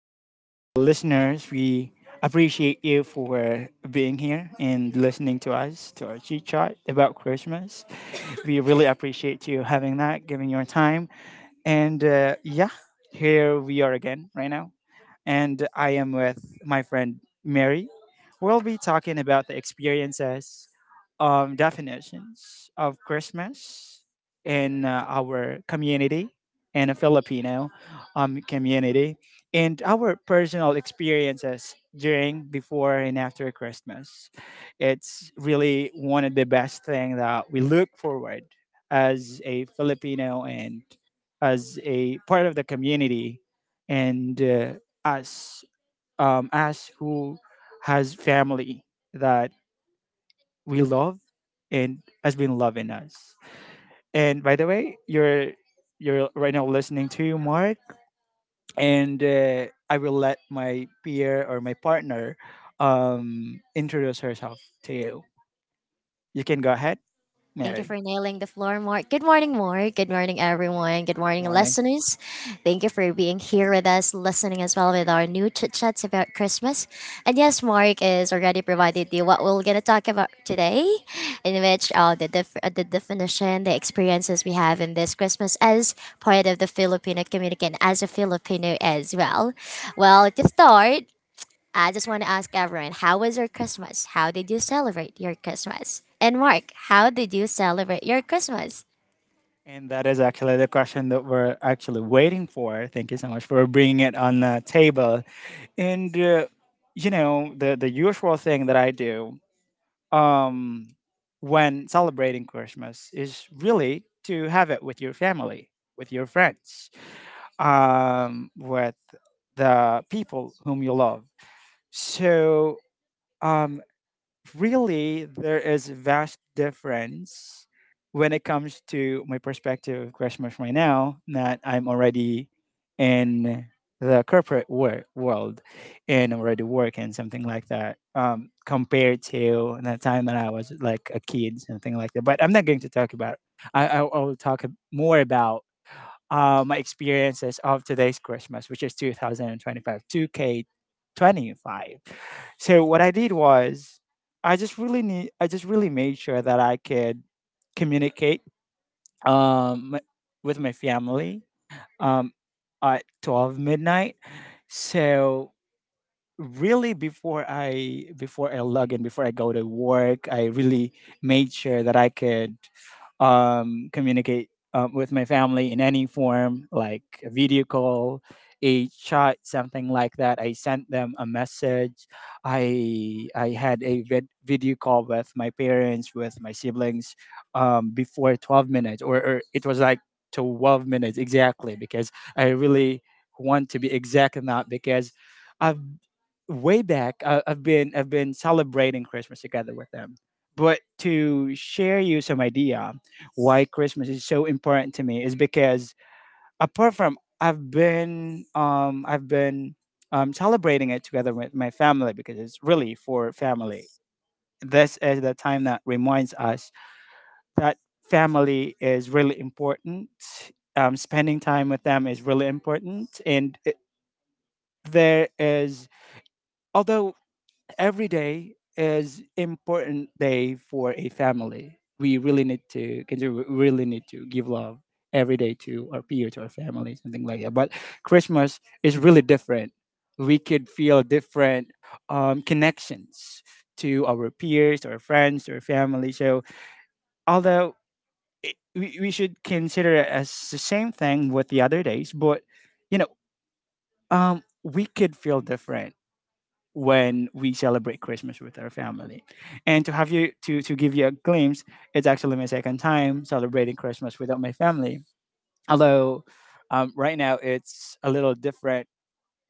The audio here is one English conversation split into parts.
everyone. To the listeners, we appreciate you for being here and listening to us, to our chit chat about Christmas. We really appreciate you having that, giving your time. And yeah, here we are again right now, and I am with my friend Mary. We'll be talking about the experiences, definitions of Christmas in our community, in a Filipino community, and our personal experiences during, before, and after Christmas. It's really one of the best thing that we look forward as a Filipino and as a part of the community, and us us who has family that we love and has been loving us. And by the way, you're right now listening to Mark, and I will let my peer or my partner introduce herself to you. You can go ahead, Thank you Mary. for nailing the floor, Mark. Good morning, Mark. Good morning, everyone. Good morning, Morning. listeners. Thank you for being here with us, listening as well with our new chit chats about Christmas. And yes, Mark is already provided you what we're gonna talk about today, in which the definition, the experiences we have in this Christmas as part of the Filipino community and as a Filipino as well. Well, to start, I just want to ask everyone, how was your Christmas? How did you celebrate your Christmas? And Mark, how did you celebrate your Christmas? And that is actually the question that we're actually waiting for. Thank you so much for bringing it on the table. And you know, the usual thing that I do um, when celebrating Christmas is really to have it with your family, with your friends, with the people whom you love. So um, really there is vast difference when it comes to my perspective of Christmas right now that I'm already in the corporate world and already working, something like that, compared to the time that I was like a kid, something like that. But I'm not going to talk about I will talk more about my experiences of today's Christmas, which is 2025, 2K25. So what I did was I just really made sure that I could communicate um with my family um at 12 midnight. So really, before I log in, before I go to work, I really made sure that I could communicate with my family in any form, like a video call, a chat, something like that. I sent them a message. I had a video call with my parents, with my siblings, before 12 minutes, or it was like 12 minutes exactly, because I really want to be exact in that, because I've way back I've been celebrating Christmas together with them. But to share you some idea why Christmas is so important to me is because, apart from I've been celebrating it together with my family, because it's really for family, this is the time that reminds us that family is really important. Spending time with them is really important. And there is, although every day is important day for a family, we really need to consider, we really need to give love every day to our peer, to our family, something like that. But Christmas is really different. We could feel different connections to our peers, to our friends, to our family. So although we should consider it as the same thing with the other days, but you know, we could feel different when we celebrate Christmas with our family. And to have you to give you a glimpse, it's actually my second time celebrating Christmas without my family. Although right now it's a little different,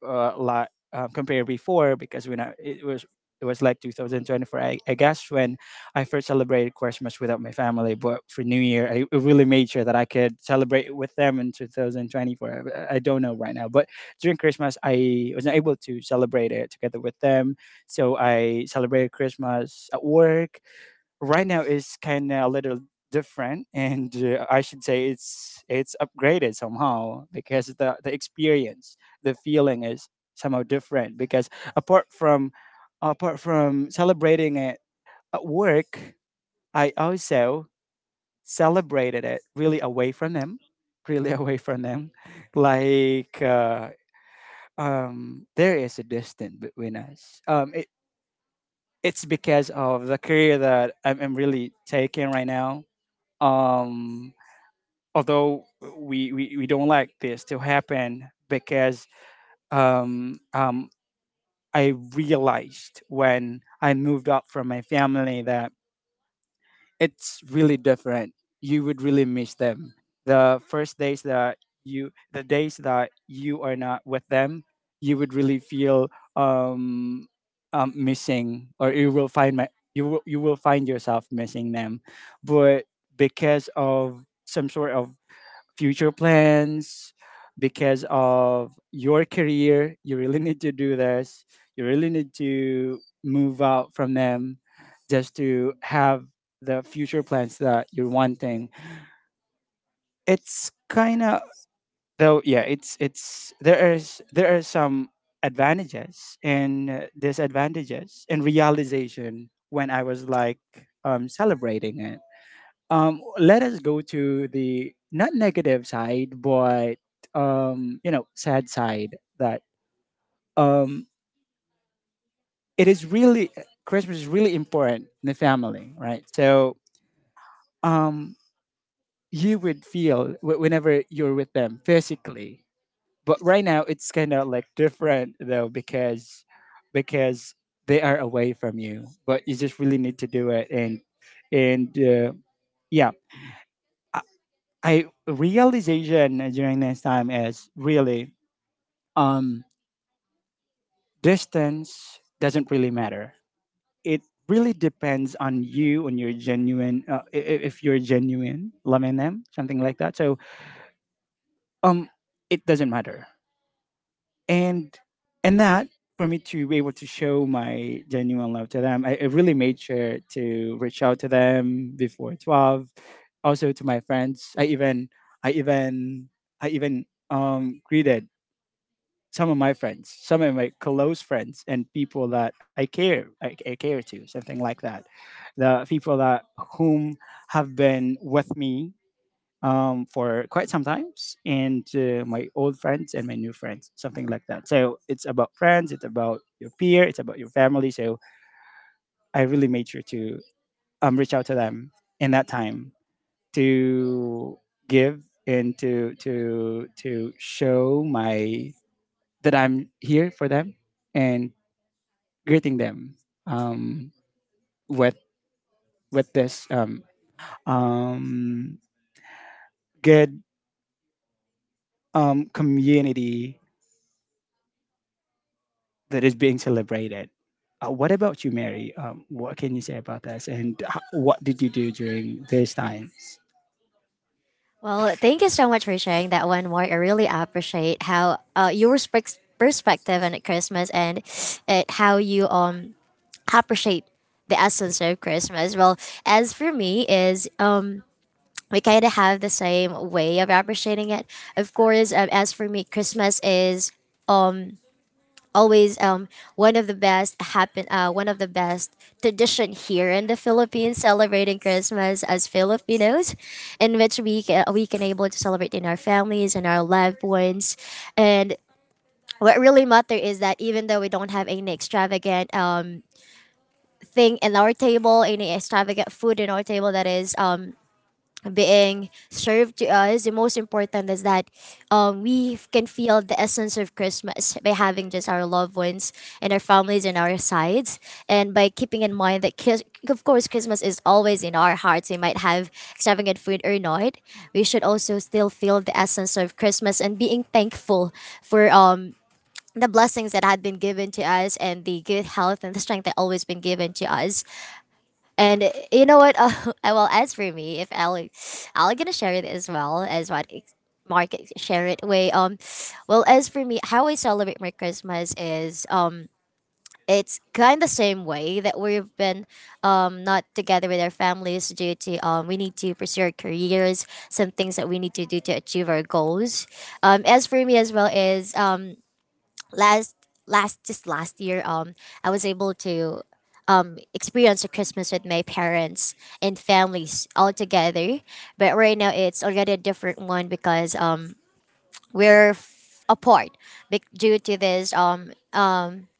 like compared before, because it was, it was like 2024, I guess, when I first celebrated Christmas without my family. But for new year I really made sure that I could celebrate it with them in 2024. I don't know right now, but during Christmas I was not able to celebrate it together with them, so I celebrated Christmas at work. Right now is kind of a little different, and I should say it's upgraded somehow, because the experience, the feeling is somehow different, because apart from apart from celebrating it at work, I also celebrated it really away from them, really away from them, like there is a distance between us. It's because of the career that I'm really taking right now, um although we don't like this to happen, because um um I realized, when I moved out from my family, that it's really different. You would really miss them the first days, that you the days that you are not with them, you would really feel um missing, or you will find my you will find yourself missing them. But because of some sort of future plans, because of your career, you really need to do this. You really need to move out from them, just to have the future plans that you're wanting. It's kind of though, yeah, it's there are some advantages and disadvantages and realization when I was like celebrating it. Let us go to the not negative side, but you know, sad side, that um, it is really, Christmas is really important in the family, right? So um, you would feel whenever you're with them physically. But right now it's kind of like different though, because because they are away from you, but you just really need to do it. And and uh, yeah. I realization during this time is really um distance doesn't really matter. It really depends on you, on your genuine if you're genuine love in them, something like that. So um it doesn't matter. and and that, for me to be able to show my genuine love to them, I really made sure to reach out to them before 12. Also to my friends, I even I even greeted some of my friends, some of my close friends, and people that I care to, something like that. The people that whom have been with me for quite some times, and my old friends and my new friends, something like that. So it's about friends, it's about your peer, it's about your family. So I really made sure to reach out to them in that time, to give and to show my that I'm here for them, and greeting them um, with this um, good community that is being celebrated. What about you, Mary? What can you say about this, and what did you do during these times? Well, thank you so much for sharing that one, Mark. I really appreciate how your perspective on Christmas and how you appreciate the essence of Christmas. Well, as for me, is we kind of have the same way of appreciating it. Of course, as for me, Christmas is always one of the best tradition here in the Philippines, celebrating Christmas as Filipinos, in which we can able to celebrate in our families and our loved ones, and what really matter is that even though we don't have any extravagant thing in our table, any extravagant food in our table that is being served to us, the most important is that we can feel the essence of Christmas by having just our loved ones and our families on our sides, and by keeping in mind that, of course, Christmas is always in our hearts. We might have extravagant food or not, we should also still feel the essence of Christmas and being thankful for the blessings that had been given to us and the good health and the strength that always been given to us and you know what? Well, as for me, if Ali, Ali gonna share it as well as Mark share it. Way well, as for me, how I celebrate my Christmas is it's kind of the same way that we've been not together with our families due to we need to pursue our careers, some things that we need to do to achieve our goals. As for me as well is last last just last year, I was able to experience a Christmas with my parents and families all together. But right now it's already a different one because we're apart, due to this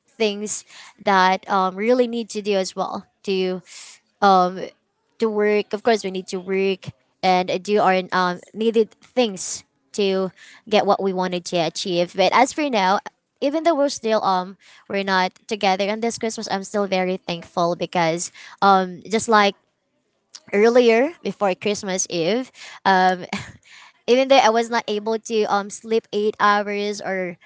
things that really need to do as well to work. Of course, we need to work and do our needed things to get what we wanted to achieve. But as for now. Even though we're still we're not together on this Christmas, I'm still very thankful because just like earlier before Christmas Eve. Um, even though I was not able to sleep 8 hours or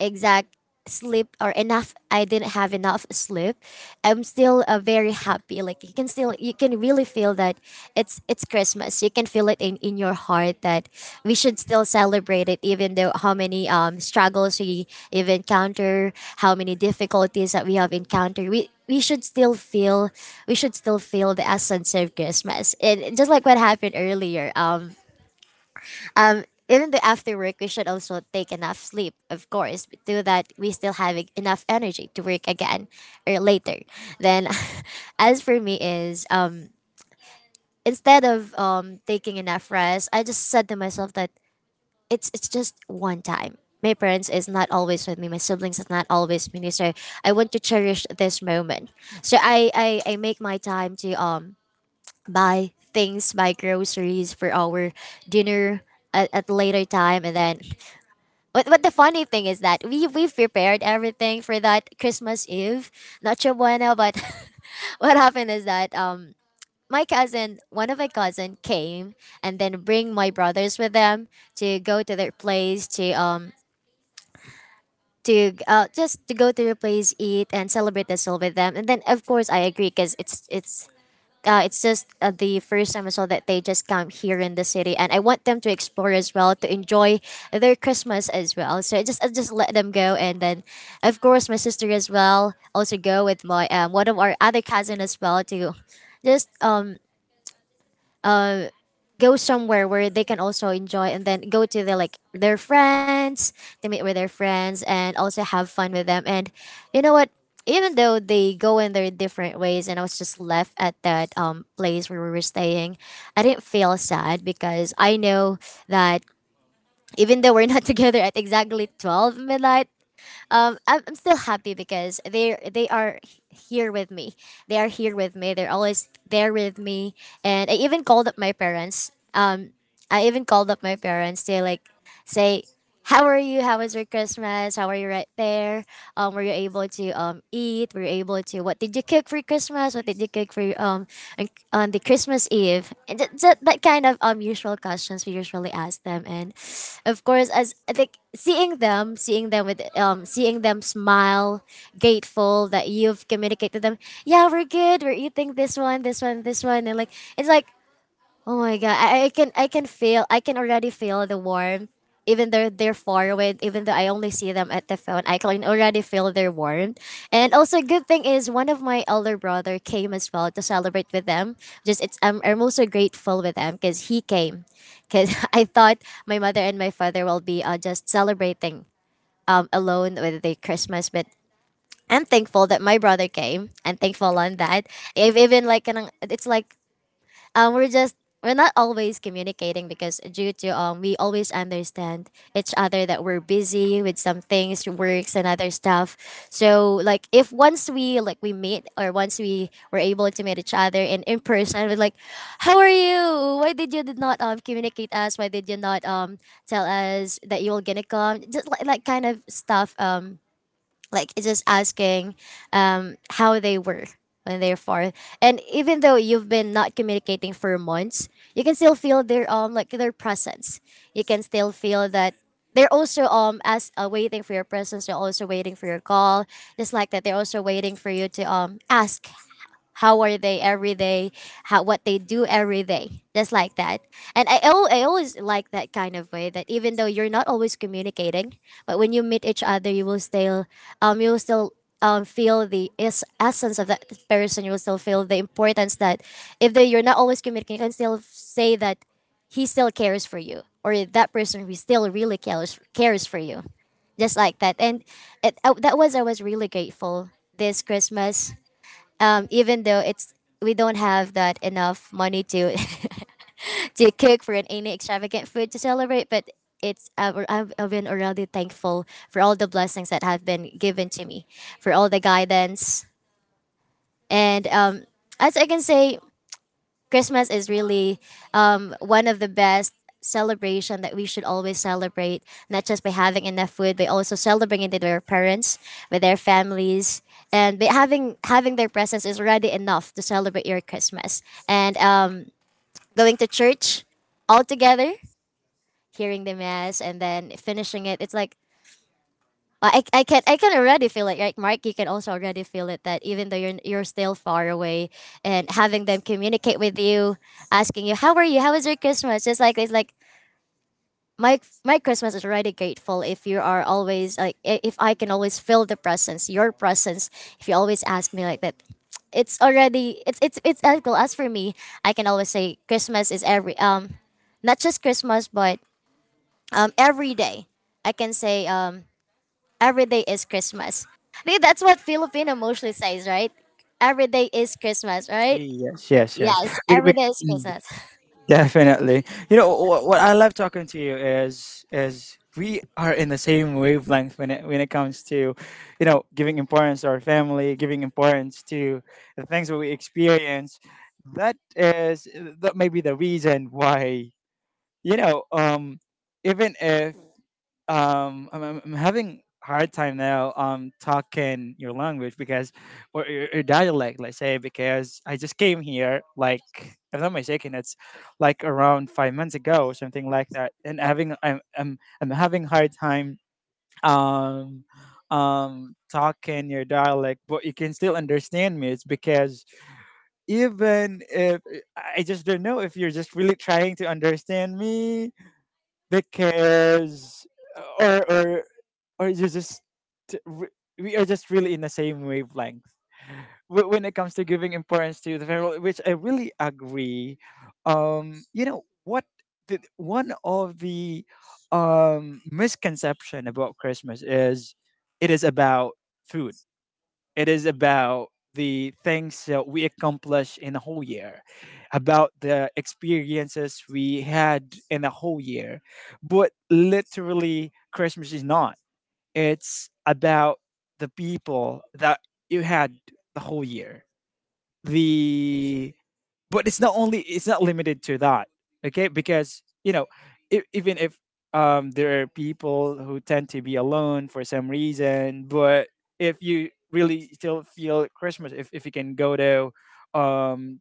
exact sleep or enough, I didn't have enough sleep, I'm still very happy, like you can still you can really feel that it's Christmas. You can feel it in your heart that we should still celebrate it even though how many struggles we have encountered, how many difficulties that we have encountered, we should still feel, we should still feel the essence of Christmas. And just like what happened earlier, even the after work, we should also take enough sleep, of course, but do that we still have enough energy to work again or later. Then, as for me is instead of taking enough rest, I just said to myself that it's just one time. My parents is not always with me. My siblings is not always with me. So I want to cherish this moment. So I make my time to buy things, buy groceries for our dinner at later time, and then but the funny thing is that we we've prepared everything for that Christmas Eve. Nacho bueno, but what happened is that my cousin, one of my cousin came and then bring my brothers with them to go to their place to just to go to their place, eat and celebrate the soul with them. And then of course I agree because it's just the first time as well that they just come here in the city, and I want them to explore as well, to enjoy their Christmas as well. So I just let them go, and then of course my sister as well also go with my one of our other cousin as well to just go somewhere where they can also enjoy, and then go to their like their friends, they meet with their friends and also have fun with them. And you know what, even though they go in their different ways and I was just left at that place where we were staying, I didn't feel sad because I know that even though we're not together at exactly 12 midnight, I'm still happy because here with me. They are here with me. They're always there with me. And I even called up my parents to like say, "How are you? How was your Christmas? How are you right there? Were you able to eat? Were you able to what did you cook for Christmas? What did you cook for your, on on the Christmas Eve?" And that kind of usual questions we usually ask them. And of course, as I think seeing them smile, grateful that you've communicated to them. Yeah, we're good. We're eating this one, this one, this one, and like it's like, oh my god, I can feel, I can already feel the warmth. Even though they're far away, even though I only see them at the phone, I can already feel their warmth. And also, good thing is one of my elder brother came as well to celebrate with them. Just it's I'm also grateful with them because he came, because I thought my mother and my father will be just celebrating alone with the Christmas, but I'm thankful that my brother came. I'm thankful on that. If even like it's like we're just we're not always communicating because due to we always understand each other that we're busy with some things works and other stuff. So like if once we like we meet, or once we were able to meet each other in person, we're like, how are you, why did you did not communicate us, why did you not tell us that you were gonna come, just like kind of stuff, like it's just asking how they were when they're far. And even though you've been not communicating for months, you can still feel their like their presence. You can still feel that they're also as waiting for your presence. They're also waiting for your call, just like that. They're also waiting for you to ask how are they every day, how what they do every day, just like that. And I always like that kind of way that even though you're not always communicating, but when you meet each other you will still feel the essence of that person. You will still feel the importance that if they, you're not always communicating, you can still say that he still cares for you, or that person who still really cares for you, just like that. And that was, I was really grateful this Christmas, even though it's we don't have that enough money to to cook for any extravagant food to celebrate, but it's I've been already thankful for all the blessings that have been given to me, for all the guidance, and as I can say, Christmas is really one of the best celebration that we should always celebrate, not just by having enough food, but also celebrating with their parents, with their families, and by having their presence is already enough to celebrate your Christmas. And going to church all together, hearing the mass, and then finishing it. It's like I can, I can already feel it, right, Mark? You can also already feel it that even though you're still far away, and having them communicate with you, asking you how are you, how was your Christmas, just like it's like my my Christmas is already grateful if you are always like if I can always feel the presence, your presence. If you always ask me like that, it's already it's as well as for me. I can always say Christmas is every not just Christmas but every day. I can say every day is Christmas. I think that's what Filipino mostly says, right? Every day is Christmas, right? Yes, yes, yes. Yes, Be- every be- day is Mm. Christmas. Definitely. You know what I love talking to you is, we are in the same wavelength when it comes to, you know, giving importance to our family, giving importance to the things that we experience. That is, that may be the reason why, you know, even if I'm having hard time now talking your language, because, or your dialect, let's say, because I just came here like, if I'm not mistaken, it's like around 5 months ago or something like that, and having I'm having hard time um talking your dialect, but you can still understand me. It's because, even if I just don't know if you're just really trying to understand me, because, or or or you just, we are just really in the same wavelength when it comes to giving importance to the federal, which I really agree. You know what, one of the misconception about Christmas is it is about food, it is about the things that we accomplish in a whole year, about the experiences we had in a whole year. But literally, Christmas is not. It's about the people that you had the whole year, the but it's not only, it's not limited to that, okay, because, you know, if, even if there are people who tend to be alone for some reason. But if you really still feel Christmas, if you can go to um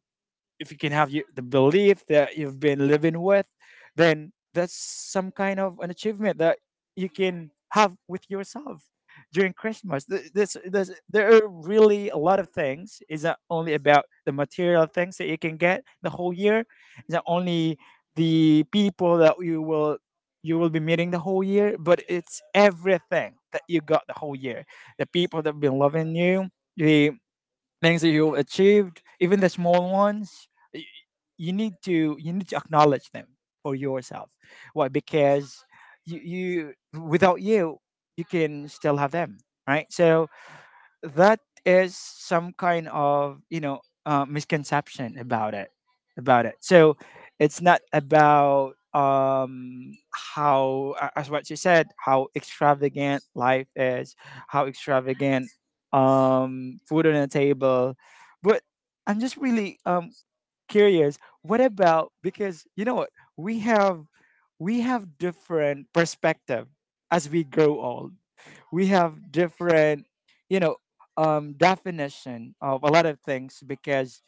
if you can have you, the belief that you've been living with, then that's some kind of an achievement that you can have with yourself during Christmas. This, there are really a lot of things. It's not only about the material things that you can get the whole year. It's not only the people that you will be meeting the whole year, but it's everything that you got the whole year. The people that have been loving you, the things that you achieved, even the small ones, you need to acknowledge them for yourself. Why? Because you, without you, you can still have them, right? So that is some kind of misconception about it, so it's not about as what you said, how extravagant life is, how extravagant food on the table. But I'm just really curious, what about — because you know what, we have we have different perspective as we grow old. We have different, you know definition of a lot of things, because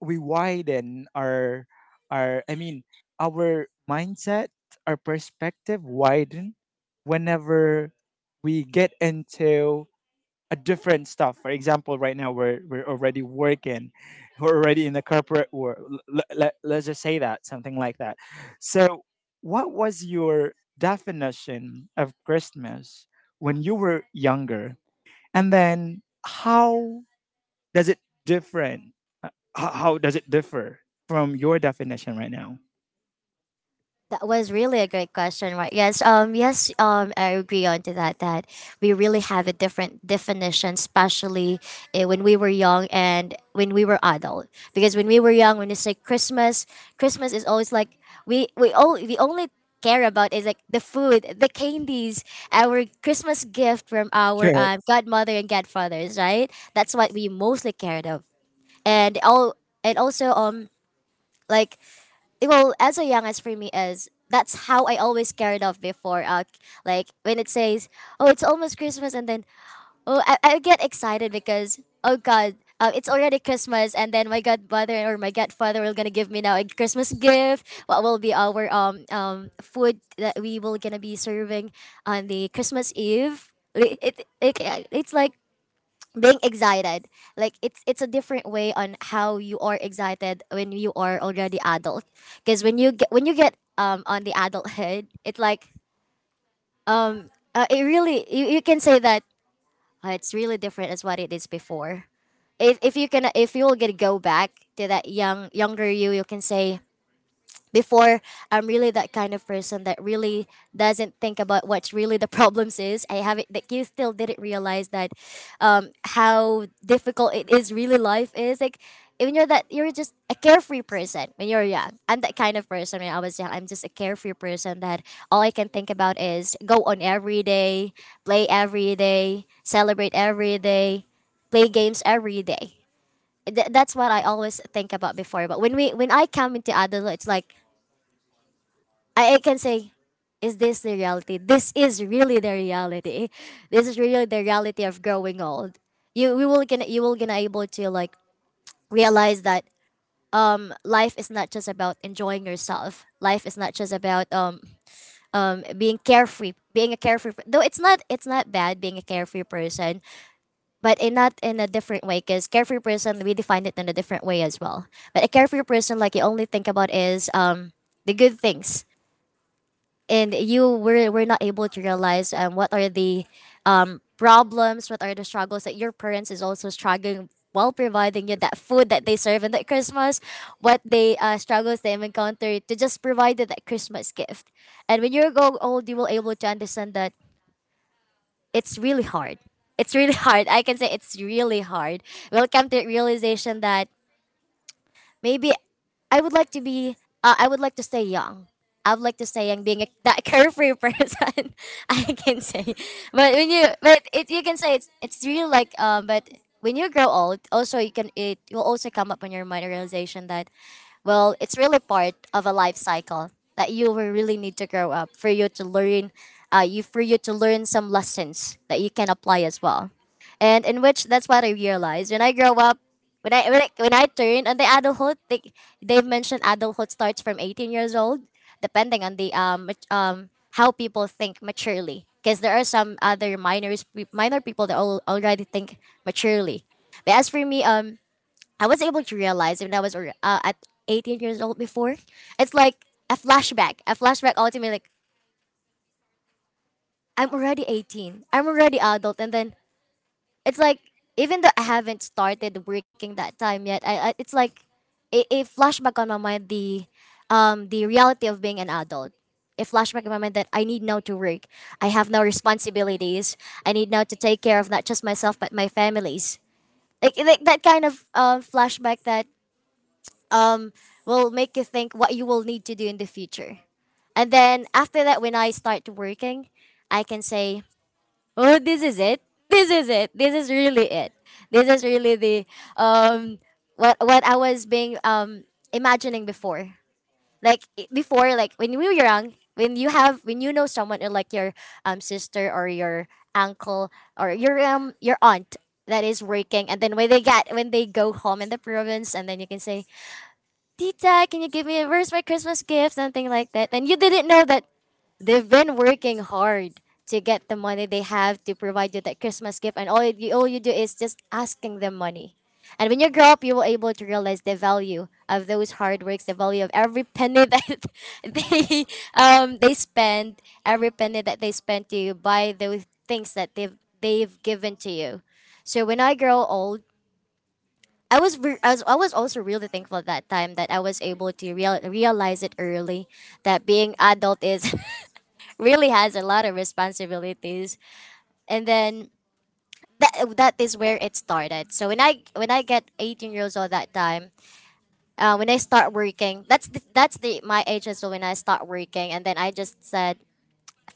we widen our, our i mean our mindset, our perspective widen whenever we get into a different stuff. For example, right now we're already working, we're already in the corporate world. Let's just say that, something like that. So, what was your definition of Christmas when you were younger, and then how does it different? uh, how does it differ from your definition right now? That was really a great question, right? Yes, yes, I agree on to that. That we really have a different definition, especially when we were young and when we were adult. Because when we were young, when you say Christmas, Christmas is always like we only care about is like the food, the candies, our Christmas gift from our Sure. Godmother and godfathers, right? That's what we mostly cared of, and all and also like well as a young as for me is that's how I always carried off before. Like when it says, "Oh, it's almost Christmas," and then oh, I get excited because oh God, it's already Christmas, and then my godmother or my godfather will gonna give me now a Christmas gift. What will be our food that we will gonna be serving on the Christmas Eve? It's like being excited like it's a different way on how you are excited when you are already adult because when you get on the adulthood it's like um it really you, you can say that it's really different as what it is before if you can if you will get go back to that younger you. You can say before I'm really that kind of person that really doesn't think about what really the problems is. I haven't that you still didn't realize that how difficult it is really life is like even you're that you're just a carefree person when you're young. I'm that kind of person when I was young. I'm just a carefree person that all I can think about is go on every day, play every day, celebrate every day, play games every day. That's what I always think about before. But when I come into adulthood, it's like I can say, is this the reality? This is really the reality. This is really the reality of growing old. You we will gonna you will gonna able to like realize that life is not just about enjoying yourself. Life is not just about being carefree, being a carefree. Though it's not bad being a carefree person, but in not in a different way. Cause carefree person we define it in a different way as well. But a carefree person like you only think about is the good things and you were not able to realize what are the problems, what are the struggles that your parents is also struggling while providing you that food that they serve in that Christmas, what they struggles they have encountered to just provide you that Christmas gift. And when you grow old, you will able to understand that it's really hard. It's really hard. I can say it's really hard. We'll come to the realization that maybe I would like to be. I would like to stay young. I would like to stay young, being a, that carefree person. I can say, but when you, but it, you can say it's really like. But when you grow old, also you can it will also come up on your mind a realization that, well, it's really part of a life cycle that you will really need to grow up for you to learn, you for you to learn some lessons that you can apply as well and in which that's what I realized when I grow up. When I, when I when I turn on the adulthood, they they've mentioned adulthood starts from 18 years old, depending on the how people think maturely. Because there are some other minor people that already think maturely. But as for me, I was able to realize when I was at 18 years old before, it's like a flashback ultimately. Like I'm already 18, I'm already adult, and then it's like even though I haven't started working that time yet, I it's like it flashback on my mind the reality of being an adult. It flashback in my mind that I need now to work. I have now responsibilities. I need now to take care of not just myself but my families. Like that kind of flashback that um will make you think what you will need to do in the future. And then after that, when I start working, I can say, oh this is it, this is really it. This is really the um what I was being imagining before. Like I- before like when you were young when you have when you know someone or like your sister or your uncle or your aunt that is working, and then when they go home in the province, and then you can say, tita can you give me, where's my Christmas gift, something like that. And you didn't know that they've been working hard to get the money they have to provide you that Christmas gift, and all you do is just asking them money. And when you grow up, you will able to realize the value of those hard works, the value of every penny that they they spend, every penny that they spend to buy those things that they've given to you. So when I grow old, I was, re- I was also really thankful that time that I was able to realize it early that being adult is really has a lot of responsibilities, and then that is where it started. So when I get 18 years old that time, when I start working, that's the my age as well when I start working, and then I just said,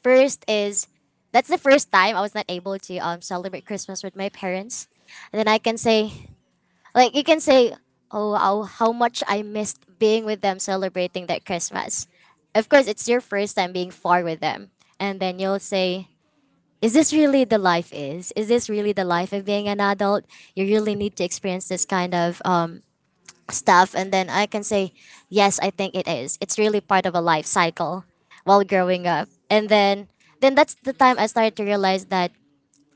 first is that's the first time I was not able to celebrate Christmas with my parents. And then I can say, like you can say, oh how much I missed being with them celebrating that Christmas. Of course it's your first time being far with them, and then you'll say, is this really the life of being an adult? You really need to experience this kind of stuff. And then I can say, yes I think it is, it's really part of a life cycle while growing up. And then that's the time I started to realize that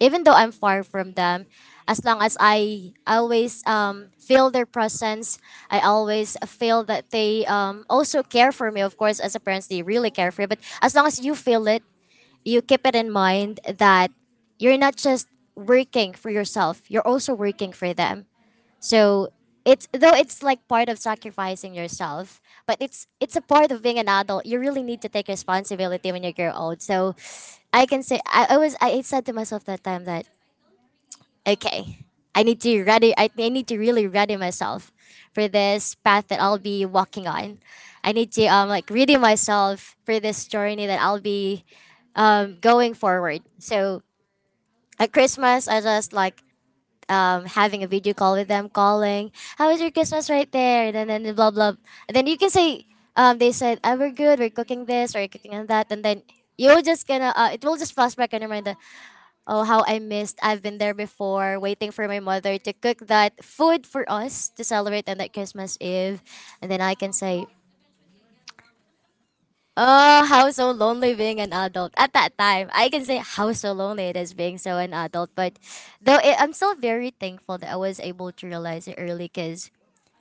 even though I'm far from them, as long as I always feel their presence, I always feel that they also care for me. Of course as a parent they really care for you, but as long as you feel it, you keep it in mind that you're not just working for yourself, you're also working for them. So it's though it's like part of sacrificing yourself, but it's a part of being an adult. You really need to take responsibility when you grow old. So I can say, I said to myself that time that okay, I need to ready. I need to really ready myself for this path that I'll be walking on. I need to like ready myself for this journey that I'll be going forward. So at Christmas, I just like having a video call with them, calling, "How was your Christmas right there?" And then blah blah. And then you can say, they said, "Oh, we're good. We're cooking this. We're cooking on that." And then you'll just gonna it will just flash back in your mind that oh how I missed, I've been there before waiting for my mother to cook that food for us to celebrate on that Christmas Eve. And then I can say, oh how so lonely being an adult at that time. I can say how so lonely it is being so an adult, but though it, I'm still very thankful that I was able to realize it early, because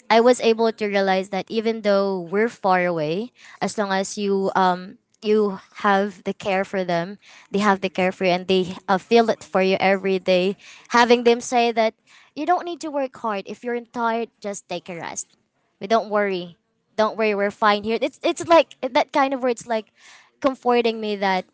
I was able to realize that even though we're far away, as long as you you have the care for them, they have the care for you, and they feel it for you every day. Having them say that you don't need to work hard. If you're tired, just take a rest. We don't worry. Don't worry, we're fine here. It's like that kind of words like comforting me that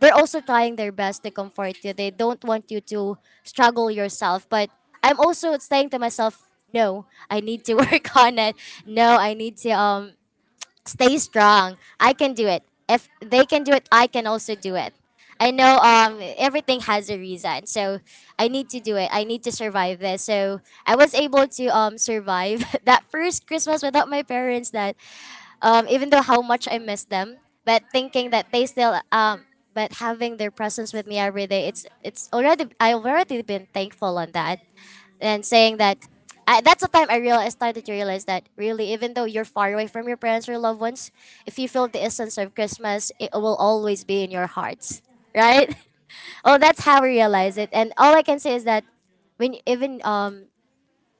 they're also trying their best to comfort you. They don't want you to struggle yourself. But I'm also saying to myself, no, I need to work on it. No, I need to stay strong. I can do it. If they can do it, I can also do it. I know everything has a reason. So I need to do it. I need to survive this. So I was able to survive that first Christmas without my parents that even though how much I miss them, but thinking that they still, but having their presence with me every day, it's already I've already been thankful on that, and saying that. That's the time I started to realize that really, even though you're far away from your parents or loved ones, if you feel the essence of Christmas, it will always be in your hearts, right? Oh, that's how I realize it. And all I can say is that when even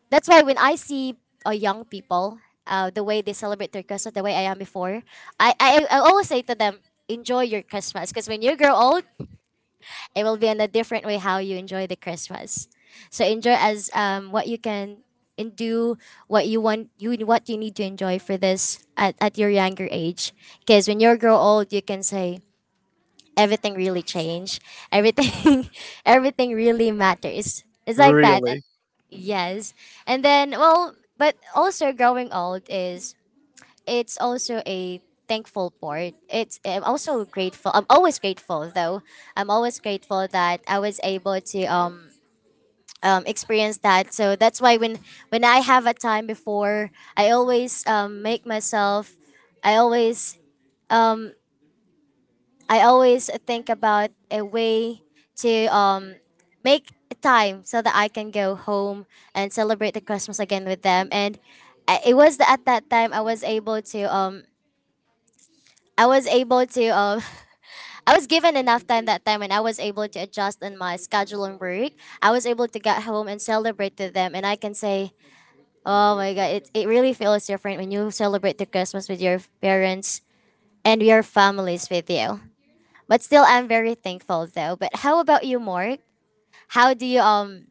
that's why when I see young people, the way they celebrate their Christmas, the way I am before, I always say to them, enjoy your Christmas. Because when you grow old, it will be in a different way how you enjoy the Christmas. So enjoy as what you can and do what you need to enjoy for this at your younger age because when you grow old you can say everything really changed everything everything really matters. It's like that. Really? Yes. And then, well, but also growing old is it's also a thankful part. It's I'm also grateful. I'm always grateful though. I'm always grateful that I was able to experience that. So that's why when I have a time before, I always make myself I always I always think about a way to make time so that I can go home and celebrate the Christmas again with them. And it was the, at that time I was able to I was able to um, I was given enough time that time, and I was able to adjust in my schedule and work. I was able to get home and celebrate with them, and I can say, oh my god, it really feels different when you celebrate the Christmas with your parents and your families with you. But still, I'm very thankful though. But how about you, Mark? How do you um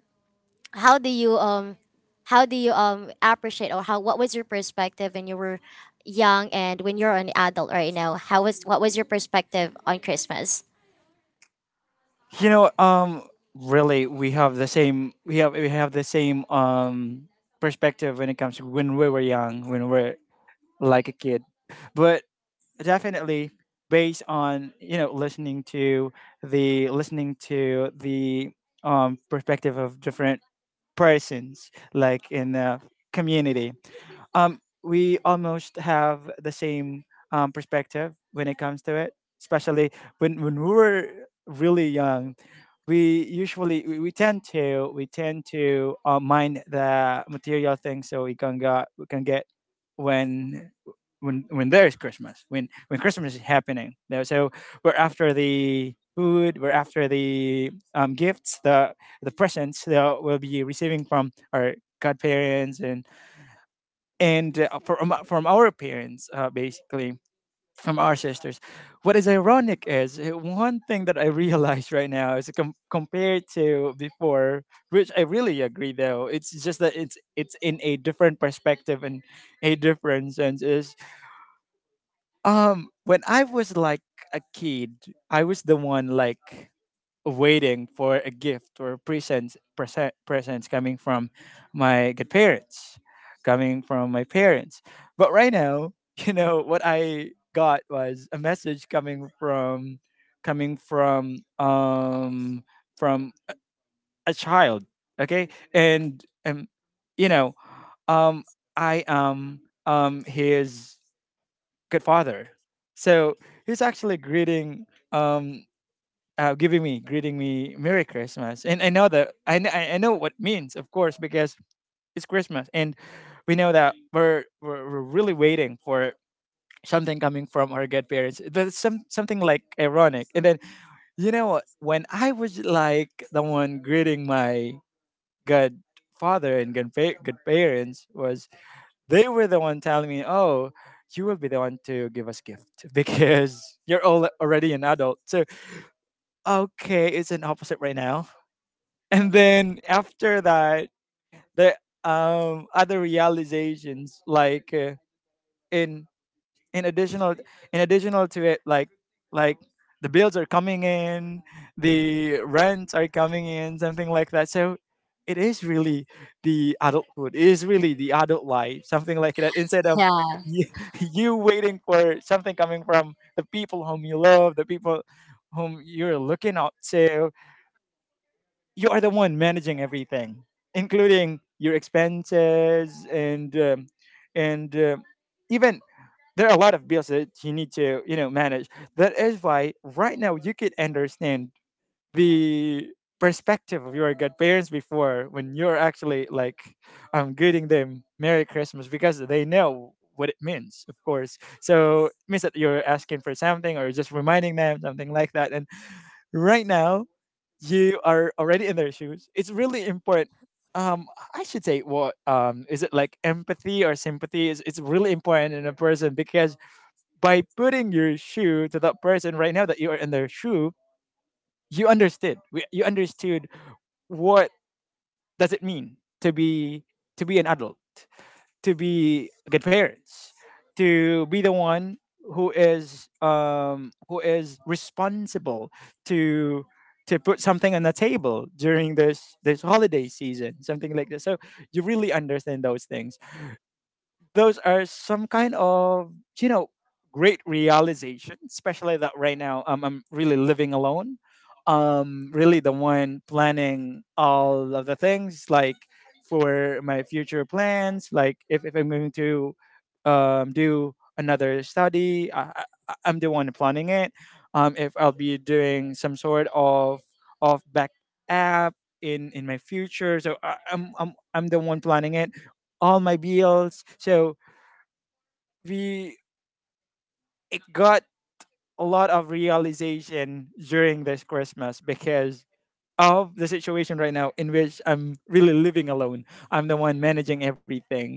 how do you um how do you appreciate or how what was your perspective when you were young and when you're an adult right now? How was what was your perspective on Christmas? You know, really, we have the same perspective when it comes to when we were young, when we're like a kid. But definitely, based on listening to the perspective of different persons, like in a community, we almost have the same perspective when it comes to it, especially when we were really young. We tend to mind the material things so we can get, when when there is Christmas, when Christmas is happening. Now, so we're after the food, we're after the gifts, the presents they will be receiving from our godparents, and from our parents, basically from our sisters. What is ironic is, one thing that I realize right now is, compared to before, which I really agree though. It's just that it's in a different perspective and a different sense, is, when I was like a kid, I was the one, like, waiting for a gift or presents coming from my godparents, coming from my parents. But right now, you know what, I got was a message coming from, coming from um from a a child. Okay, and you know, um, I am his good father. So he's actually greeting, um, giving me, greeting me Merry Christmas. And I know that I, kn- I know what it means, of course, because it's Christmas, and we know that we're really waiting for something coming from our godparents. That's something like ironic. And then, you know what? When I was like the one greeting my godfather and godparents, was, they were the one telling me, "Oh, you will be the one to give us gift because you're all already an adult." So, okay, it's an opposite right now. And then after that, the other realizations, like in in additional in additional to it, like the bills are coming in, the rents are coming in, something like that. So it is really the adulthood, it is really the adult life, something like that, instead of Yeah. y- you waiting for something coming from the people whom you love, the people whom you're looking up to. You are the one managing everything, including your expenses, and even, there are a lot of bills that you need to, manage. That is why right now you could understand the perspective of your godparents before, when you're actually like greeting them Merry Christmas, because they know what it means, of course. So it means that you're asking for something or just reminding them, something like that. And right now, you are already in their shoes. It's really important. um I should say, what is it, like, empathy or sympathy? Is It's really important in a person, because by putting your shoe to that person right now, that you are in their shoe, you understood. You understood what does it mean to be an adult, to be good parents, to be the one who is responsible to to put something on the table during this holiday season, something like that. So you really understand those things. Those are some kind of, you know great realization, especially that right now, I'm really living alone, really the one planning all of the things, like, for my future plans, like, if I'm going to do another study, I'm the one planning it. If I'll be doing some sort of back app in my future, so I, I'm the one planning it, all my bills. So we got a lot of realization during this Christmas because of the situation right now in which I'm really living alone. I'm the one managing everything.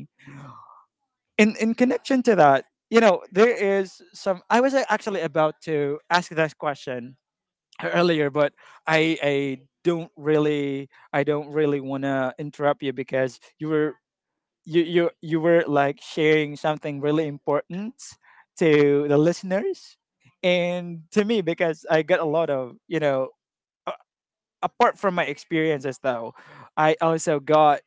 In connection to that, you know, there is some — I was actually about to ask this question earlier, but I don't really want to interrupt you, because you were like sharing something really important to the listeners and to me, because I got a lot of, apart from my experiences though, I also got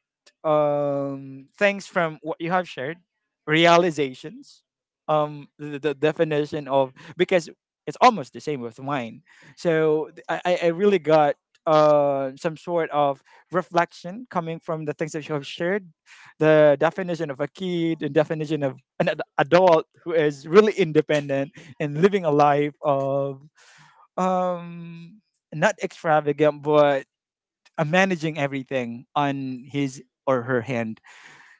things from what you have shared, realizations, the definition of, because it's almost the same with mine. So I really got some sort of reflection coming from the things that you have shared, the definition of a kid, the definition of an adult who is really independent and living a life of, um not extravagant, but, managing everything on his or her hand.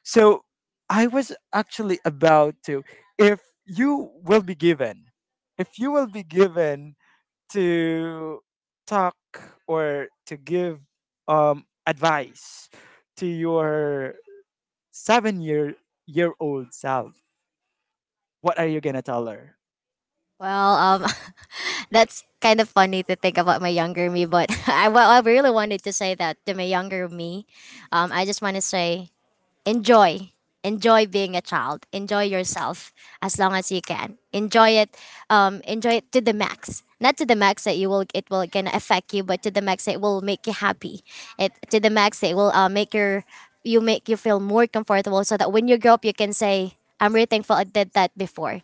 So I was actually about to, if you will be given, if you will be given to talk or to give advice to your seven year old self, what are you gonna tell her? Well, that's kind of funny to think about my younger me, but well, I really wanted to say that to my younger me. I just want to say enjoy enjoy being a child, enjoy yourself as long as you can enjoy it, enjoy it to the max, not to the max that you will it will gonna affect you, but to the max that it will make you happy, it to the max that it will make your you make you feel more comfortable so that when you grow up you can say I'm really thankful I did that before,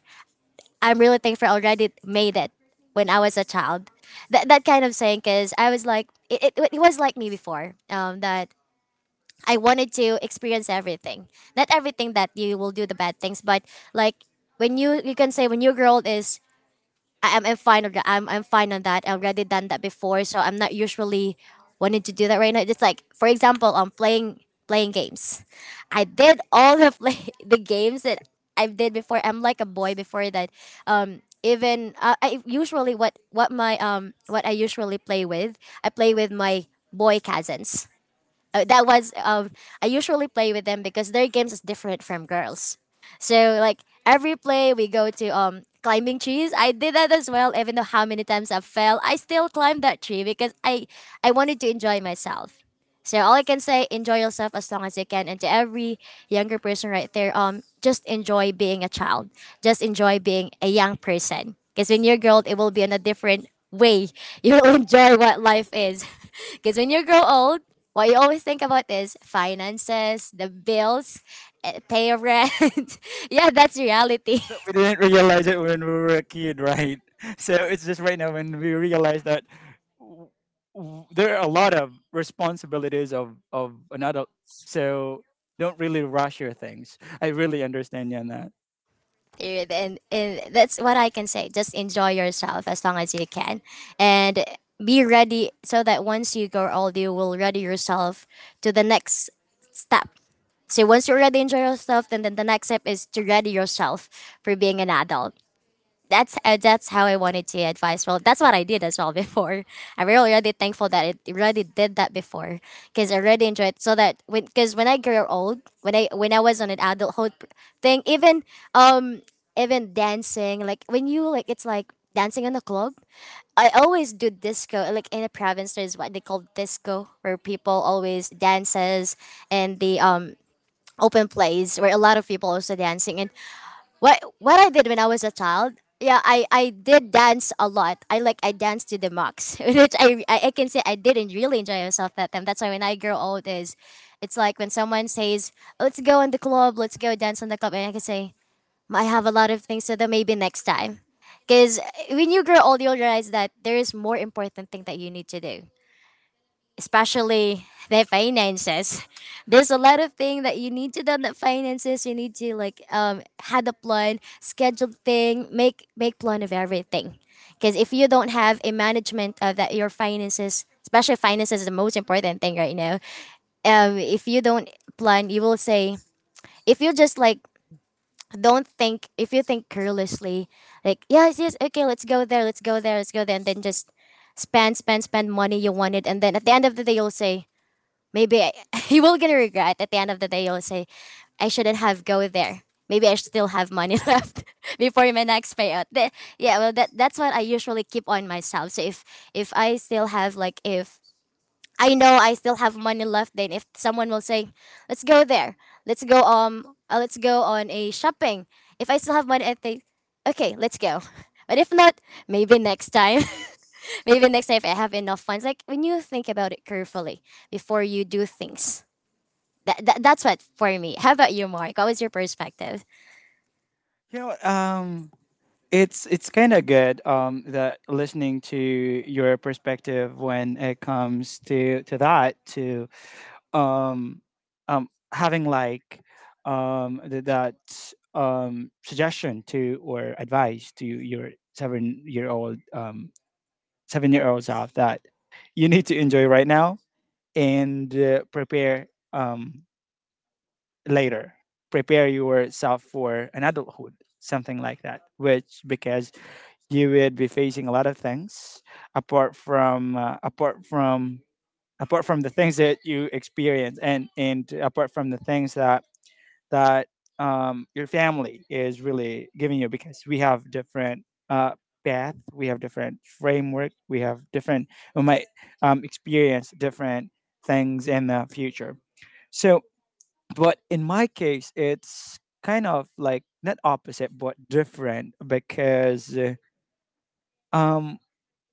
I'm really thankful I already made it when I was a child. That, that kind of saying, because I was like it was like me before that I wanted to experience everything. Not everything that you will do the bad things, but like when you can say when your girl is I'm fine on that. I'm fine on that. I've already done that before, so I'm not usually wanting to do that right now. It's like for example, I'm playing playing games. I did all the play the games that I did before. I'm like a boy before that. Even I usually what my what I usually play with. I play with my boy cousins. That was I usually play with them because their games is different from girls. So like every play we go to climbing trees. I did that as well. Even though how many times I fell, I still climbed that tree because I wanted to enjoy myself. So all I can say, enjoy yourself as long as you can. And to every younger person right there, just enjoy being a child. Just enjoy being a young person. Because when you're grown, it will be on a different way. You will enjoy what life is. Because when you grow old, what you always think about is finances, the bills, eh, pay your rent. Yeah, that's reality. That we didn't realize it when we were a kid, right? So it's just right now when we realize that, w- there are a lot of responsibilities of an adult. So don't really rush your things. I really understand you on that. Period. And that's what I can say, just enjoy yourself as long as you can, and be ready so that once you grow old you will ready yourself to the next step. So once you already enjoy yourself, then the next step is to ready yourself for being an adult. That's how I wanted to advise. Well, that's what I did as well before. I'm really really thankful that it already did that before because I really enjoyed. So that when, because when I grew old, when I was on an adulthood pr- thing, even um even dancing, like when you like it's like dancing in the club. I always do disco. Like in the province, there's what they call disco, where people always dances and the open place where a lot of people also dancing and what I did when I was a child. Yeah, I did dance a lot. I like I danced to the max, which I can say I didn't really enjoy myself that time. That's why when I grow old is, it's like when someone says, "Let's go in the club, let's go dance on the club," and I can say, "Mm, I have a lot of things to do. Maybe next time." Because when you grow old, you'll realize that there is more important thing that you need to do, especially their finances. There's a lot of things that you need to do on the finances. You need to like had a plan, schedule thing, make plan of everything. Because if you don't have a management of that your finances, especially finances is the most important thing right now. If you don't plan, you will say, if you just like don't think, if you think carelessly, like yes yes okay let's go there, and then just spend money you wanted, and then at the end of the day you'll say maybe he will gonna regret at the end of the day. He'll say, "I shouldn't have go there. Maybe I still have money left before my next payout." Th- yeah, well, that that's what I usually keep on myself. So if I still have like if I know I still have money left, then if someone will say, "Let's go there. Let's go on a shopping." If I still have money, I think, "Okay, let's go." But if not, maybe next time. Maybe next time if I have enough funds. Like when you think about it carefully before you do things. That, that that's what for me. How about you, Mark? What was your perspective? You know, it's kind of good, that listening to your perspective when it comes to, that, to um, um, having, like, that, suggestion to or advice to your 7-year old, 7-year old self, that you need to enjoy right now and, prepare, um, later, prepare yourself for an adulthood, something like that, which, because you would be facing a lot of things apart from, apart from the things that you experience, and apart from the things that your family is really giving you, because we have different, uh, path, we have different framework, we have different, we might experience different things in the future. So, but in my case, it's kind of like not opposite but different, because um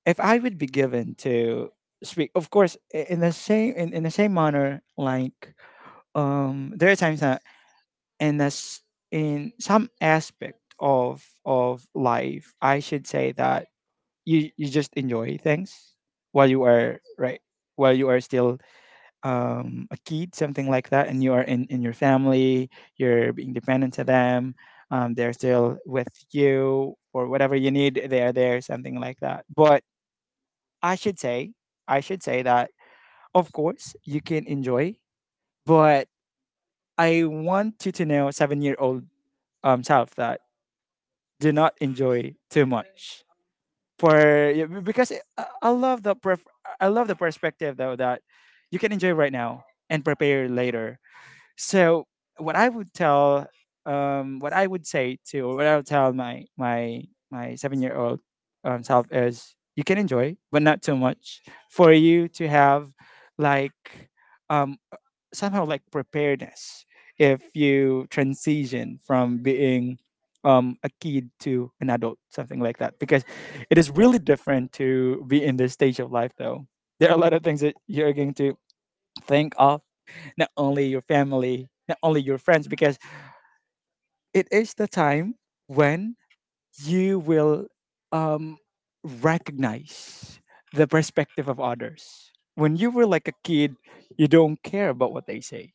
if I would be given to speak, of course, in the same, in the same manner, like, there are times that, in this in some aspect of life, I should say that you just enjoy things while you are right, while you are still a kid, something like that, and you are in your family, you're being dependent to them. They're still with you, or whatever you need, they are there, something like that. But, I should say, I should say that, of course, you can enjoy, but I want you to know, 7-year old self, that do not enjoy too much. For, yeah, because I I love the pref- I love the perspective though, that you can enjoy right now and prepare later. So, what I would tell, what I would tell my 7-year old self is, you can enjoy, but not too much, for you to have, like, um, somehow like preparedness if you transition from being a kid to an adult, something like that, because it is really different to be in this stage of life, though. There are a lot of things that you're going to think of, not only your family, not only your friends, because it is the time when you will um, recognize the perspective of others. When you were like a kid, you don't care about what they say.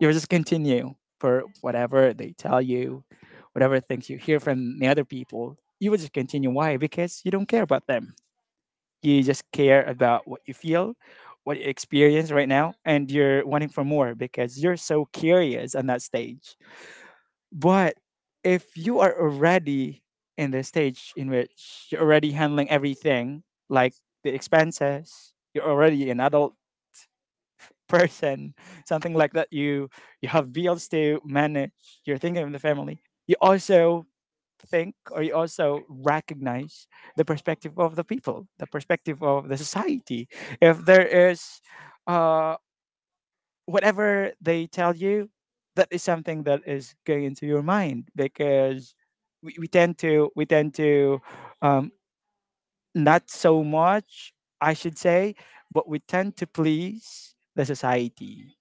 You just continue for whatever they tell you, whatever things you hear from the other people. You will just continue. Why? Because you don't care about them. You just care about what you feel, what you experience right now, and you're wanting for more because you're so curious on that stage. But if you are already in the stage in which you're already handling everything, like the expenses, you're already an adult person, something like that. You have bills to manage, you're thinking of the family, you also think or you also recognize the perspective of the people, the perspective of the society. If there is uh, whatever they tell you, that is something that is going into your mind because we tend to um, not so much I should say, but we tend to please the society,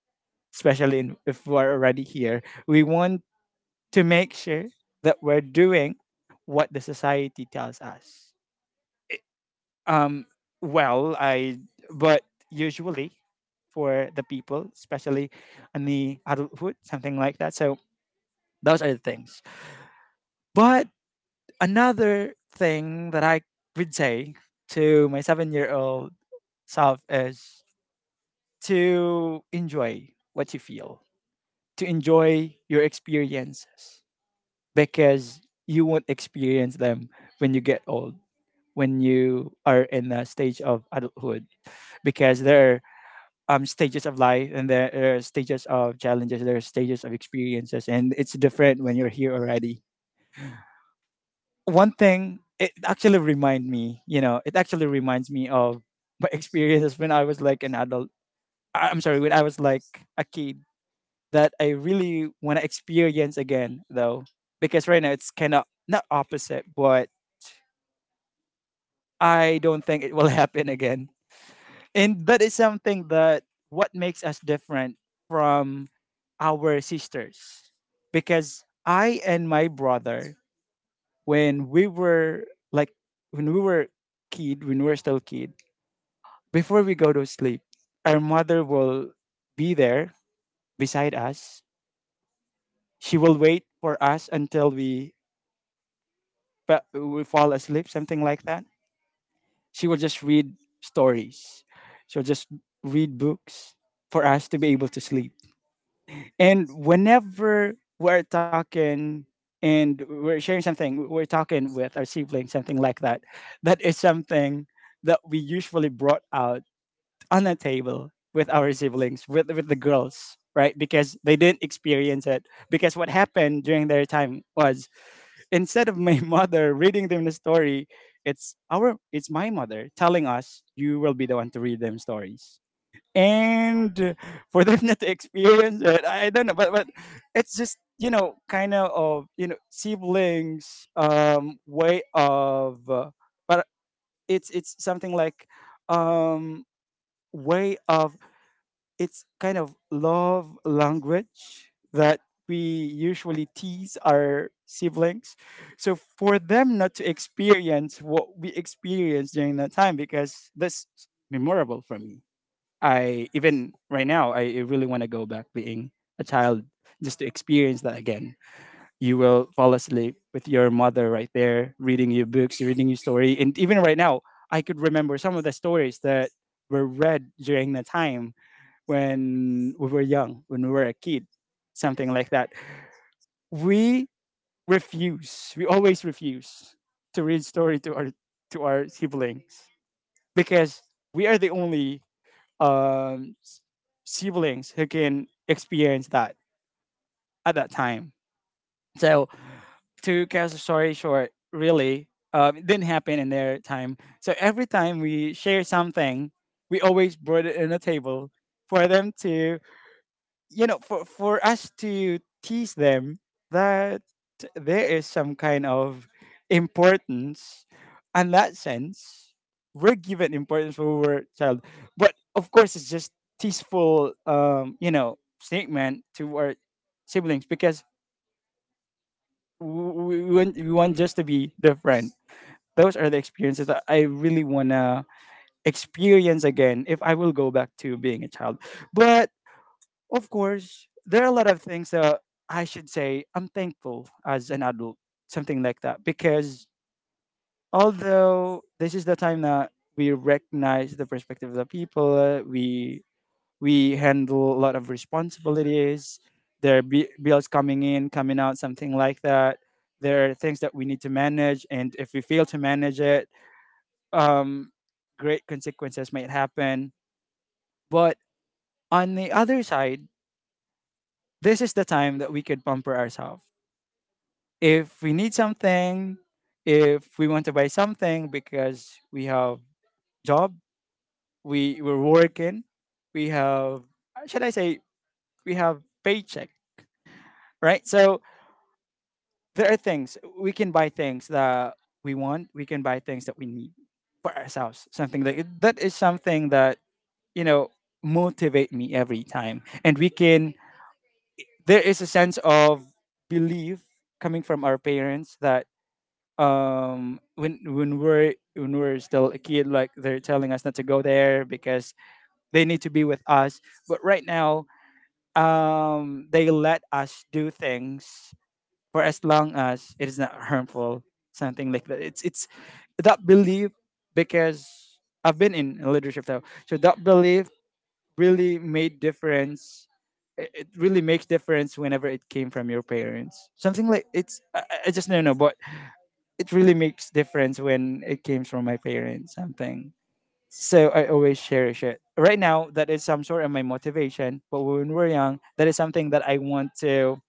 especially in, if we're already here. We want to make sure that we're doing what the society tells us. I- Um, well, I but usually for the people, especially in the adulthood, something like that. So those are the things. But another thing that I would say to my seven-year-old self is to enjoy what you feel, to enjoy your experiences, because you won't experience them when you get old. When you are in the stage of adulthood because there are stages of life, and there are stages of challenges, there are stages of experiences, and it's different when you're here already. One thing, it actually reminds me of my experiences when I was like an adult. I'm sorry, when I was like a kid, that I really want to experience again though, because right now it's kind of not opposite, but I don't think it will happen again. And that is something that what makes us different from our sisters, because I and my brother, when we were like when we were kid when we were still kid, before we go to sleep, our mother will be there beside us. She will wait for us until we we fall asleep, something like that. She will just read stories, she'll just read books for us to be able to sleep. And whenever we're talking and we're sharing something, we're talking with our siblings, something like that, that is something that we usually brought out on a table with our siblings, with the girls, right? Because they didn't experience it. Because what happened during their time was, instead of my mother reading them the story, it's our it's my mother telling us you will be the one to read them stories. And for them not to experience it, I don't know, but it's just, you know, kind of you know, siblings way of but it's something like um way of, it's kind of love language that we usually tease our siblings, so for them not to experience what we experienced during that time, because that's memorable for me. I, even right now, I really want to go back being a child just to experience that again. You will fall asleep with your mother right there, reading you books, reading you story. And even right now I could remember some of the stories that were read during the time when we were young, when we were a kid, something like that. We we always refuse to read story to our siblings, because we are the only um, s- siblings who can experience that at that time. So, to cut the story short, really, it didn't happen in their time. So every time we share something, we always brought it in a table for them to, you know, for us to tease them that there is some kind of importance in that sense. We're given importance when we were a child, but of course it's just teasful you know statement to our siblings, because we want just to be different. Those are the experiences that I really want to experience again if I will go back to being a child. But of course, there are a lot of things that I should say I'm thankful as an adult, something like that. Because although this is the time that we recognize the perspective of the people, we handle a lot of responsibilities. There are bills coming in, coming out, something like that. There are things that we need to manage, and if we fail to manage it, um, great consequences might happen. But on the other side, this is the time that we could pamper ourselves if we need something, if we want to buy something, because we have job, we're working, we have, should I say, we have paycheck, right? So there are things we can buy, things that we want, we can buy things that we need for ourselves. Something that is something that, you know, motivate me every time, and we can. There is a sense of belief coming from our parents that when we're still a kid, like they're telling us not to go there because they need to be with us, but right now, they let us do things for as long as it is not harmful, something like that. It's that belief. Because I've been in leadership though, so that belief really made difference. It really makes difference whenever it came from your parents, something like, it's I just don't know, but it really makes difference when it came from my parents, something. So I always cherish it right now. That is some sort of my motivation. But when we're young, that is something that I want to,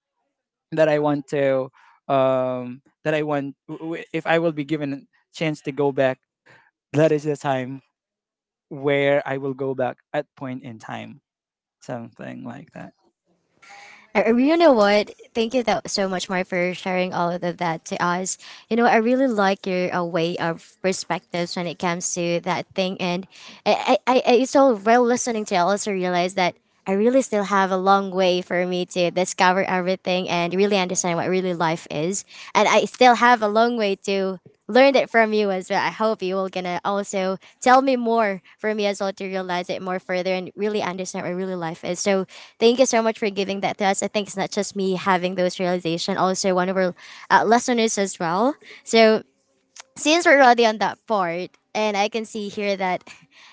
that I want to, that I want, if I will be given a chance to go back, that is the time where I will go back at point in time, something like that. You know what? Thank you tho- so much, Mark, for sharing all of that to us. You know, I really like your way of perspectives when it comes to that thing, and I still while listening to it, I also realized that I really still have a long way for me to discover everything and really understand what I really like life is. And I still have a long way to learn it from you as well. I hope you will gonna also tell me more for me as well to realize it more further and really understand what really life is. So thank you so much for giving that to us. I think it's not just me having those realization, also one of our listeners as well. So since we're already on that part, and I can see here that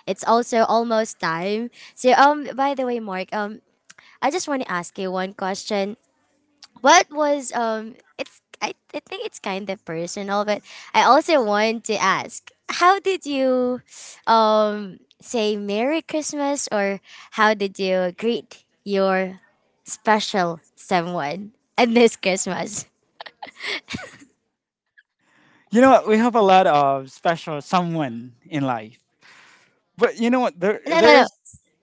it's also almost time. So by the way, Mark, I just want to ask you one question. What was it's I think it's kind of personal, but I also want to ask, how did you say Merry Christmas, or how did you greet your special someone in this Christmas? You know what, we have a lot of special someone in life, but you know what, there No, no, there no, is,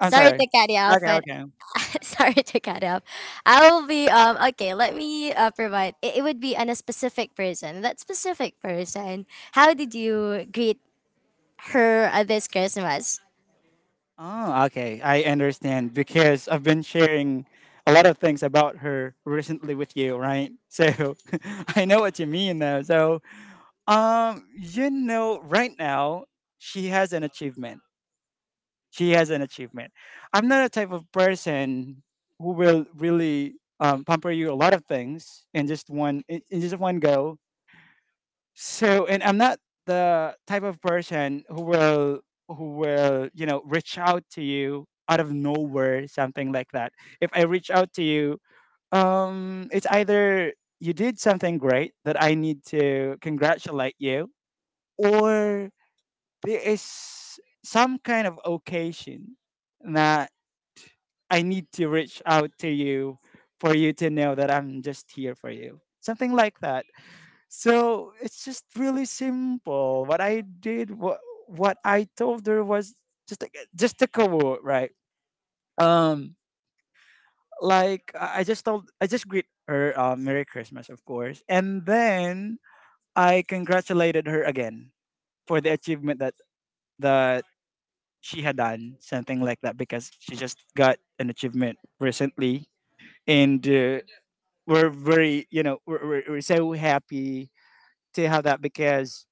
I'm to sorry. cut you off, Okay, but okay. sorry to cut you off. I will be okay, let me provide it, it would be on a specific person, that specific person, how did you greet her this Christmas. Oh, okay. I understand, because I've been sharing a lot of things about her recently with you, right? So, I know what you mean though. So, you know, right now she has an achievement. She has an achievement. I'm not a type of person who will really pamper you a lot of things in just one, in just one go. So, and I'm not the type of person who will, who will, you know, reach out to you out of nowhere, something like that. If I reach out to you, it's either you did something great that I need to congratulate you, or there is some kind of occasion that I need to reach out to you for you to know that I'm just here for you, something like that. So it's just really simple. What I did, what I told her was just like, just a quote, right? Um, like I just told, I just greet her, Merry Christmas, of course, and then I congratulated her again for the achievement that she had done, something like that, because she just got an achievement recently. And we're very, you know, we're so happy to have that because,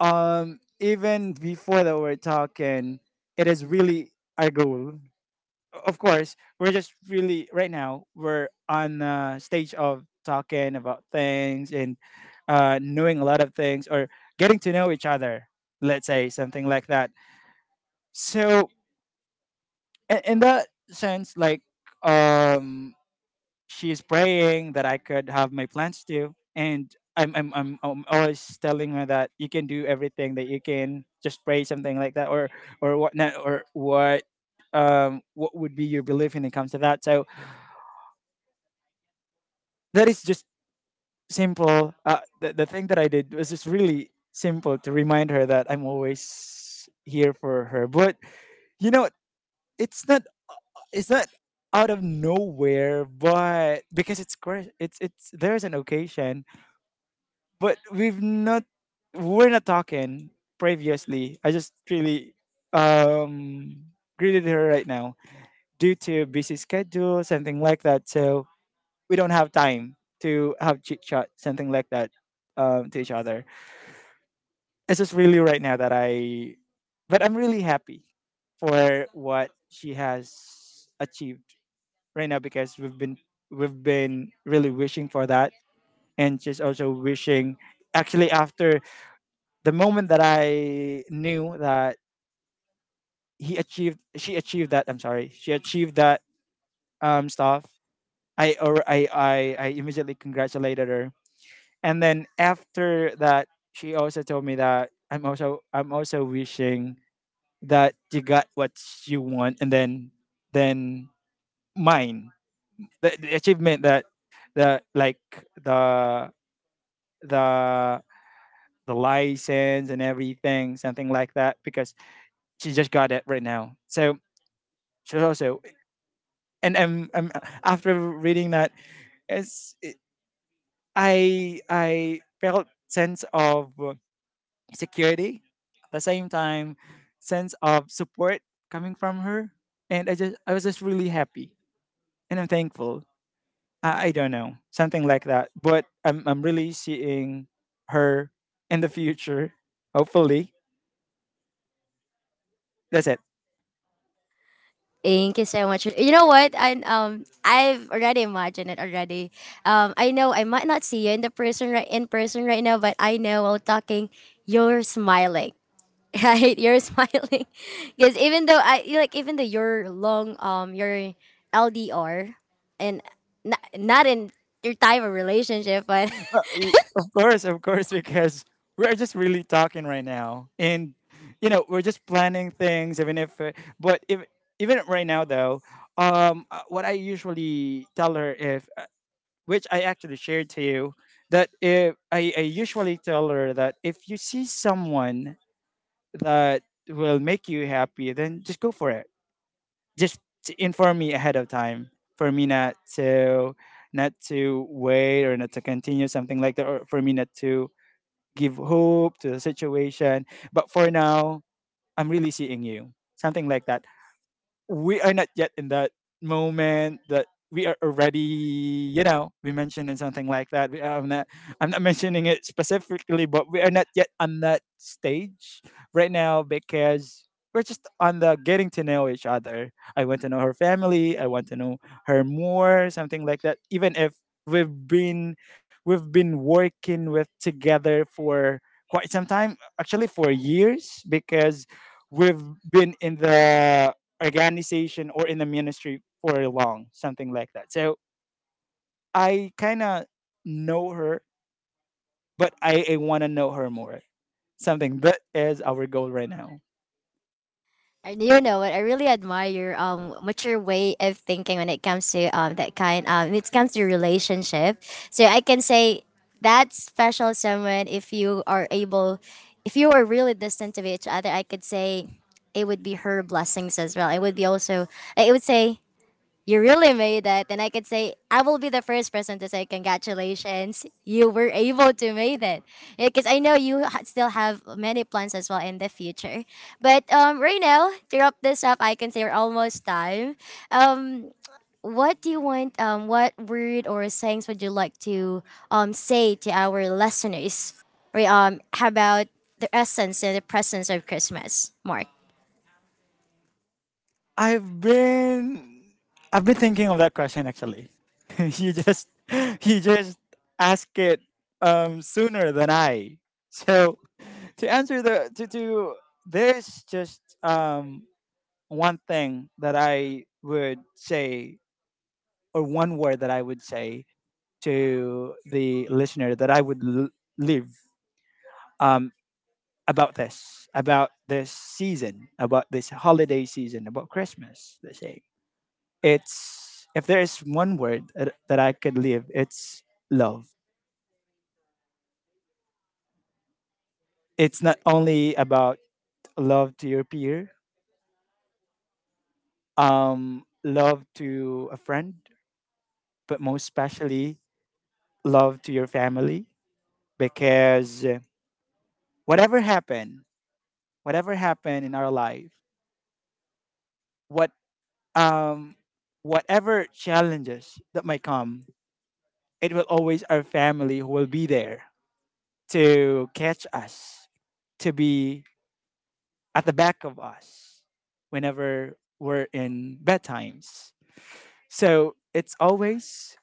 even before that, we're talking, it is really our goal. Of course, we're just really, right now, we're on a stage of talking about things, and knowing a lot of things, or getting to know each other, let's say, something like that. So, in that sense, like, um she's praying that I could have my plans too. And I'm always telling her that you can do everything, that you can just pray, something like that, or what not, or what would be your belief when it comes to that. So that is just simple. The thing that I did was just really simple, to remind her that I'm always here for her. But you know, it's not, it's not out of nowhere, but because it's, there's an occasion, but we've not, we're not talking previously. I just really um greeted her right now due to busy schedule, something like that. So we don't have time to have chit chat, something like that, to each other. It's just really right now that I, but I'm really happy for what she has achieved right now, because we've been, we've been really wishing for that, and she's also wishing. Actually, after the moment that I knew that she achieved that, I'm sorry, she achieved that stuff. I or I, I immediately congratulated her, and then after that, she also told me that I'm also wishing that you got what you want, and then mine, the achievement that, the like the the the license and everything, something like that, because she just got it right now. So, sure, also, and I'm after reading that, it's it, I felt sense of security, at the same time sense of support coming from her. And I was just really happy, and I'm thankful. I don't know, something like that, but I'm really seeing her in the future, hopefully. That's it. Thank you so much. You know what? I I've already imagined it already. Um, I know I might not see you in the person right in person right now, but I know while talking, you're smiling. Right? You're smiling. Because even though I like even though you're long your LDR and not, not in your type of relationship, but. Of course, of course, because we're just really talking right now, and you know we're just planning things. Even if, but if, even right now though, what I usually tell her if, which I actually shared to you, that if I usually tell her that if you see someone that will make you happy, then just go for it. Just to inform me ahead of time, for me not to, not to wait or not to continue, something like that, or for me not to give hope to the situation. But for now, I'm really seeing you. Something like that. We are not yet in that moment that we are already, you know, we mentioned in something like that, I'm not, I'm not mentioning it specifically, but we are not yet on that stage right now, because we're just on the getting to know each other. I want to know her family, I want to know her more, something like that. Even if we've been we've been working with together for quite some time, actually for years, because we've been in the organization or in the ministry for long, something like that. So I kind of know her, but I want to know her more. Something that is our goal right now. And you know what? I really admire your mature way of thinking when it comes to that kind when it comes to relationship. So I can say that's special someone, if you are able, if you are really distant to each other, I could say it would be her blessings as well. It would be also I would say you really made it. And I could say, I will be the first person to say, congratulations, you were able to make it. Because I know you ha- still have many plans as well in the future. But right now, to wrap this up, I can say we're almost time. Um, what do you want, what word or sayings would you like to say to our listeners? Or how about the essence and the presence of Christmas, Mark? I've been I've been thinking of that question actually. You just, you just ask it sooner than I. So to answer the, to, there's just one thing that I would say, or one word that I would say to the listener that I would leave um, about this season, about this holiday season, about Christmas, let's say. It's, if there is one word that I could leave, it's love. It's not only about love to your peer, love to a friend, but most especially love to your family, because whatever happened, whatever happened in our life, what um, whatever challenges that might come, it will always our family who will be there to catch us, to be at the back of us whenever we're in bad times. So it's always,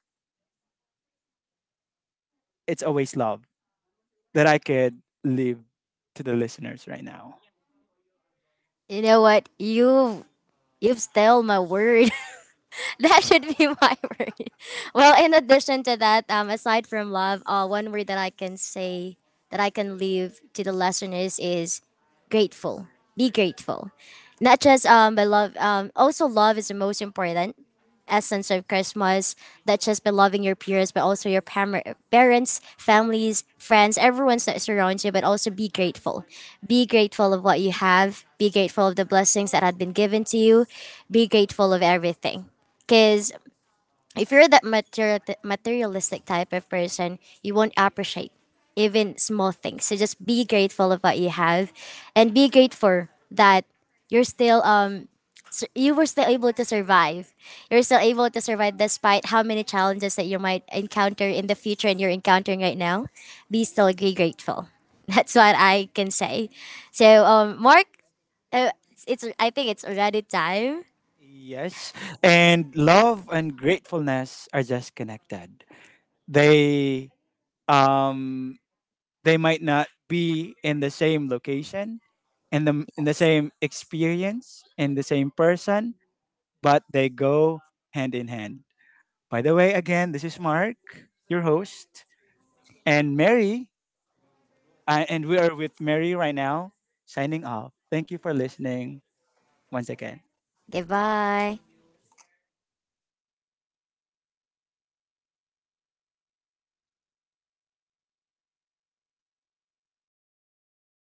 it's always love that I could leave to the listeners right now. You know what? You've stole my word. That should be my word. Well, in addition to that, aside from love, one word that I can say that I can leave to the listeners is grateful. Be grateful. Not just but love. Also, love is the most important essence of Christmas, not just by loving your peers, but also your pam- parents, families, friends, everyone that surrounds you, but also be grateful. Be grateful of what you have, be grateful of the blessings that had been given to you, be grateful of everything. Because if you're that material, materialistic type of person, you won't appreciate even small things. So just be grateful of what you have and be grateful that you're still s- you were still able to survive. You're still able to survive despite how many challenges that you might encounter in the future and you're encountering right now. Be still be grateful. That's what I can say. So, Mark, uh, it's I think it's already time. Yes. And love and gratefulness are just connected. They um they might not be in the same location, in the same experience, in the same person, but they go hand in hand. By the way, again, this is Mark, your host, and Mary, and we are with Mary right now, signing off. Thank you for listening once again. Goodbye.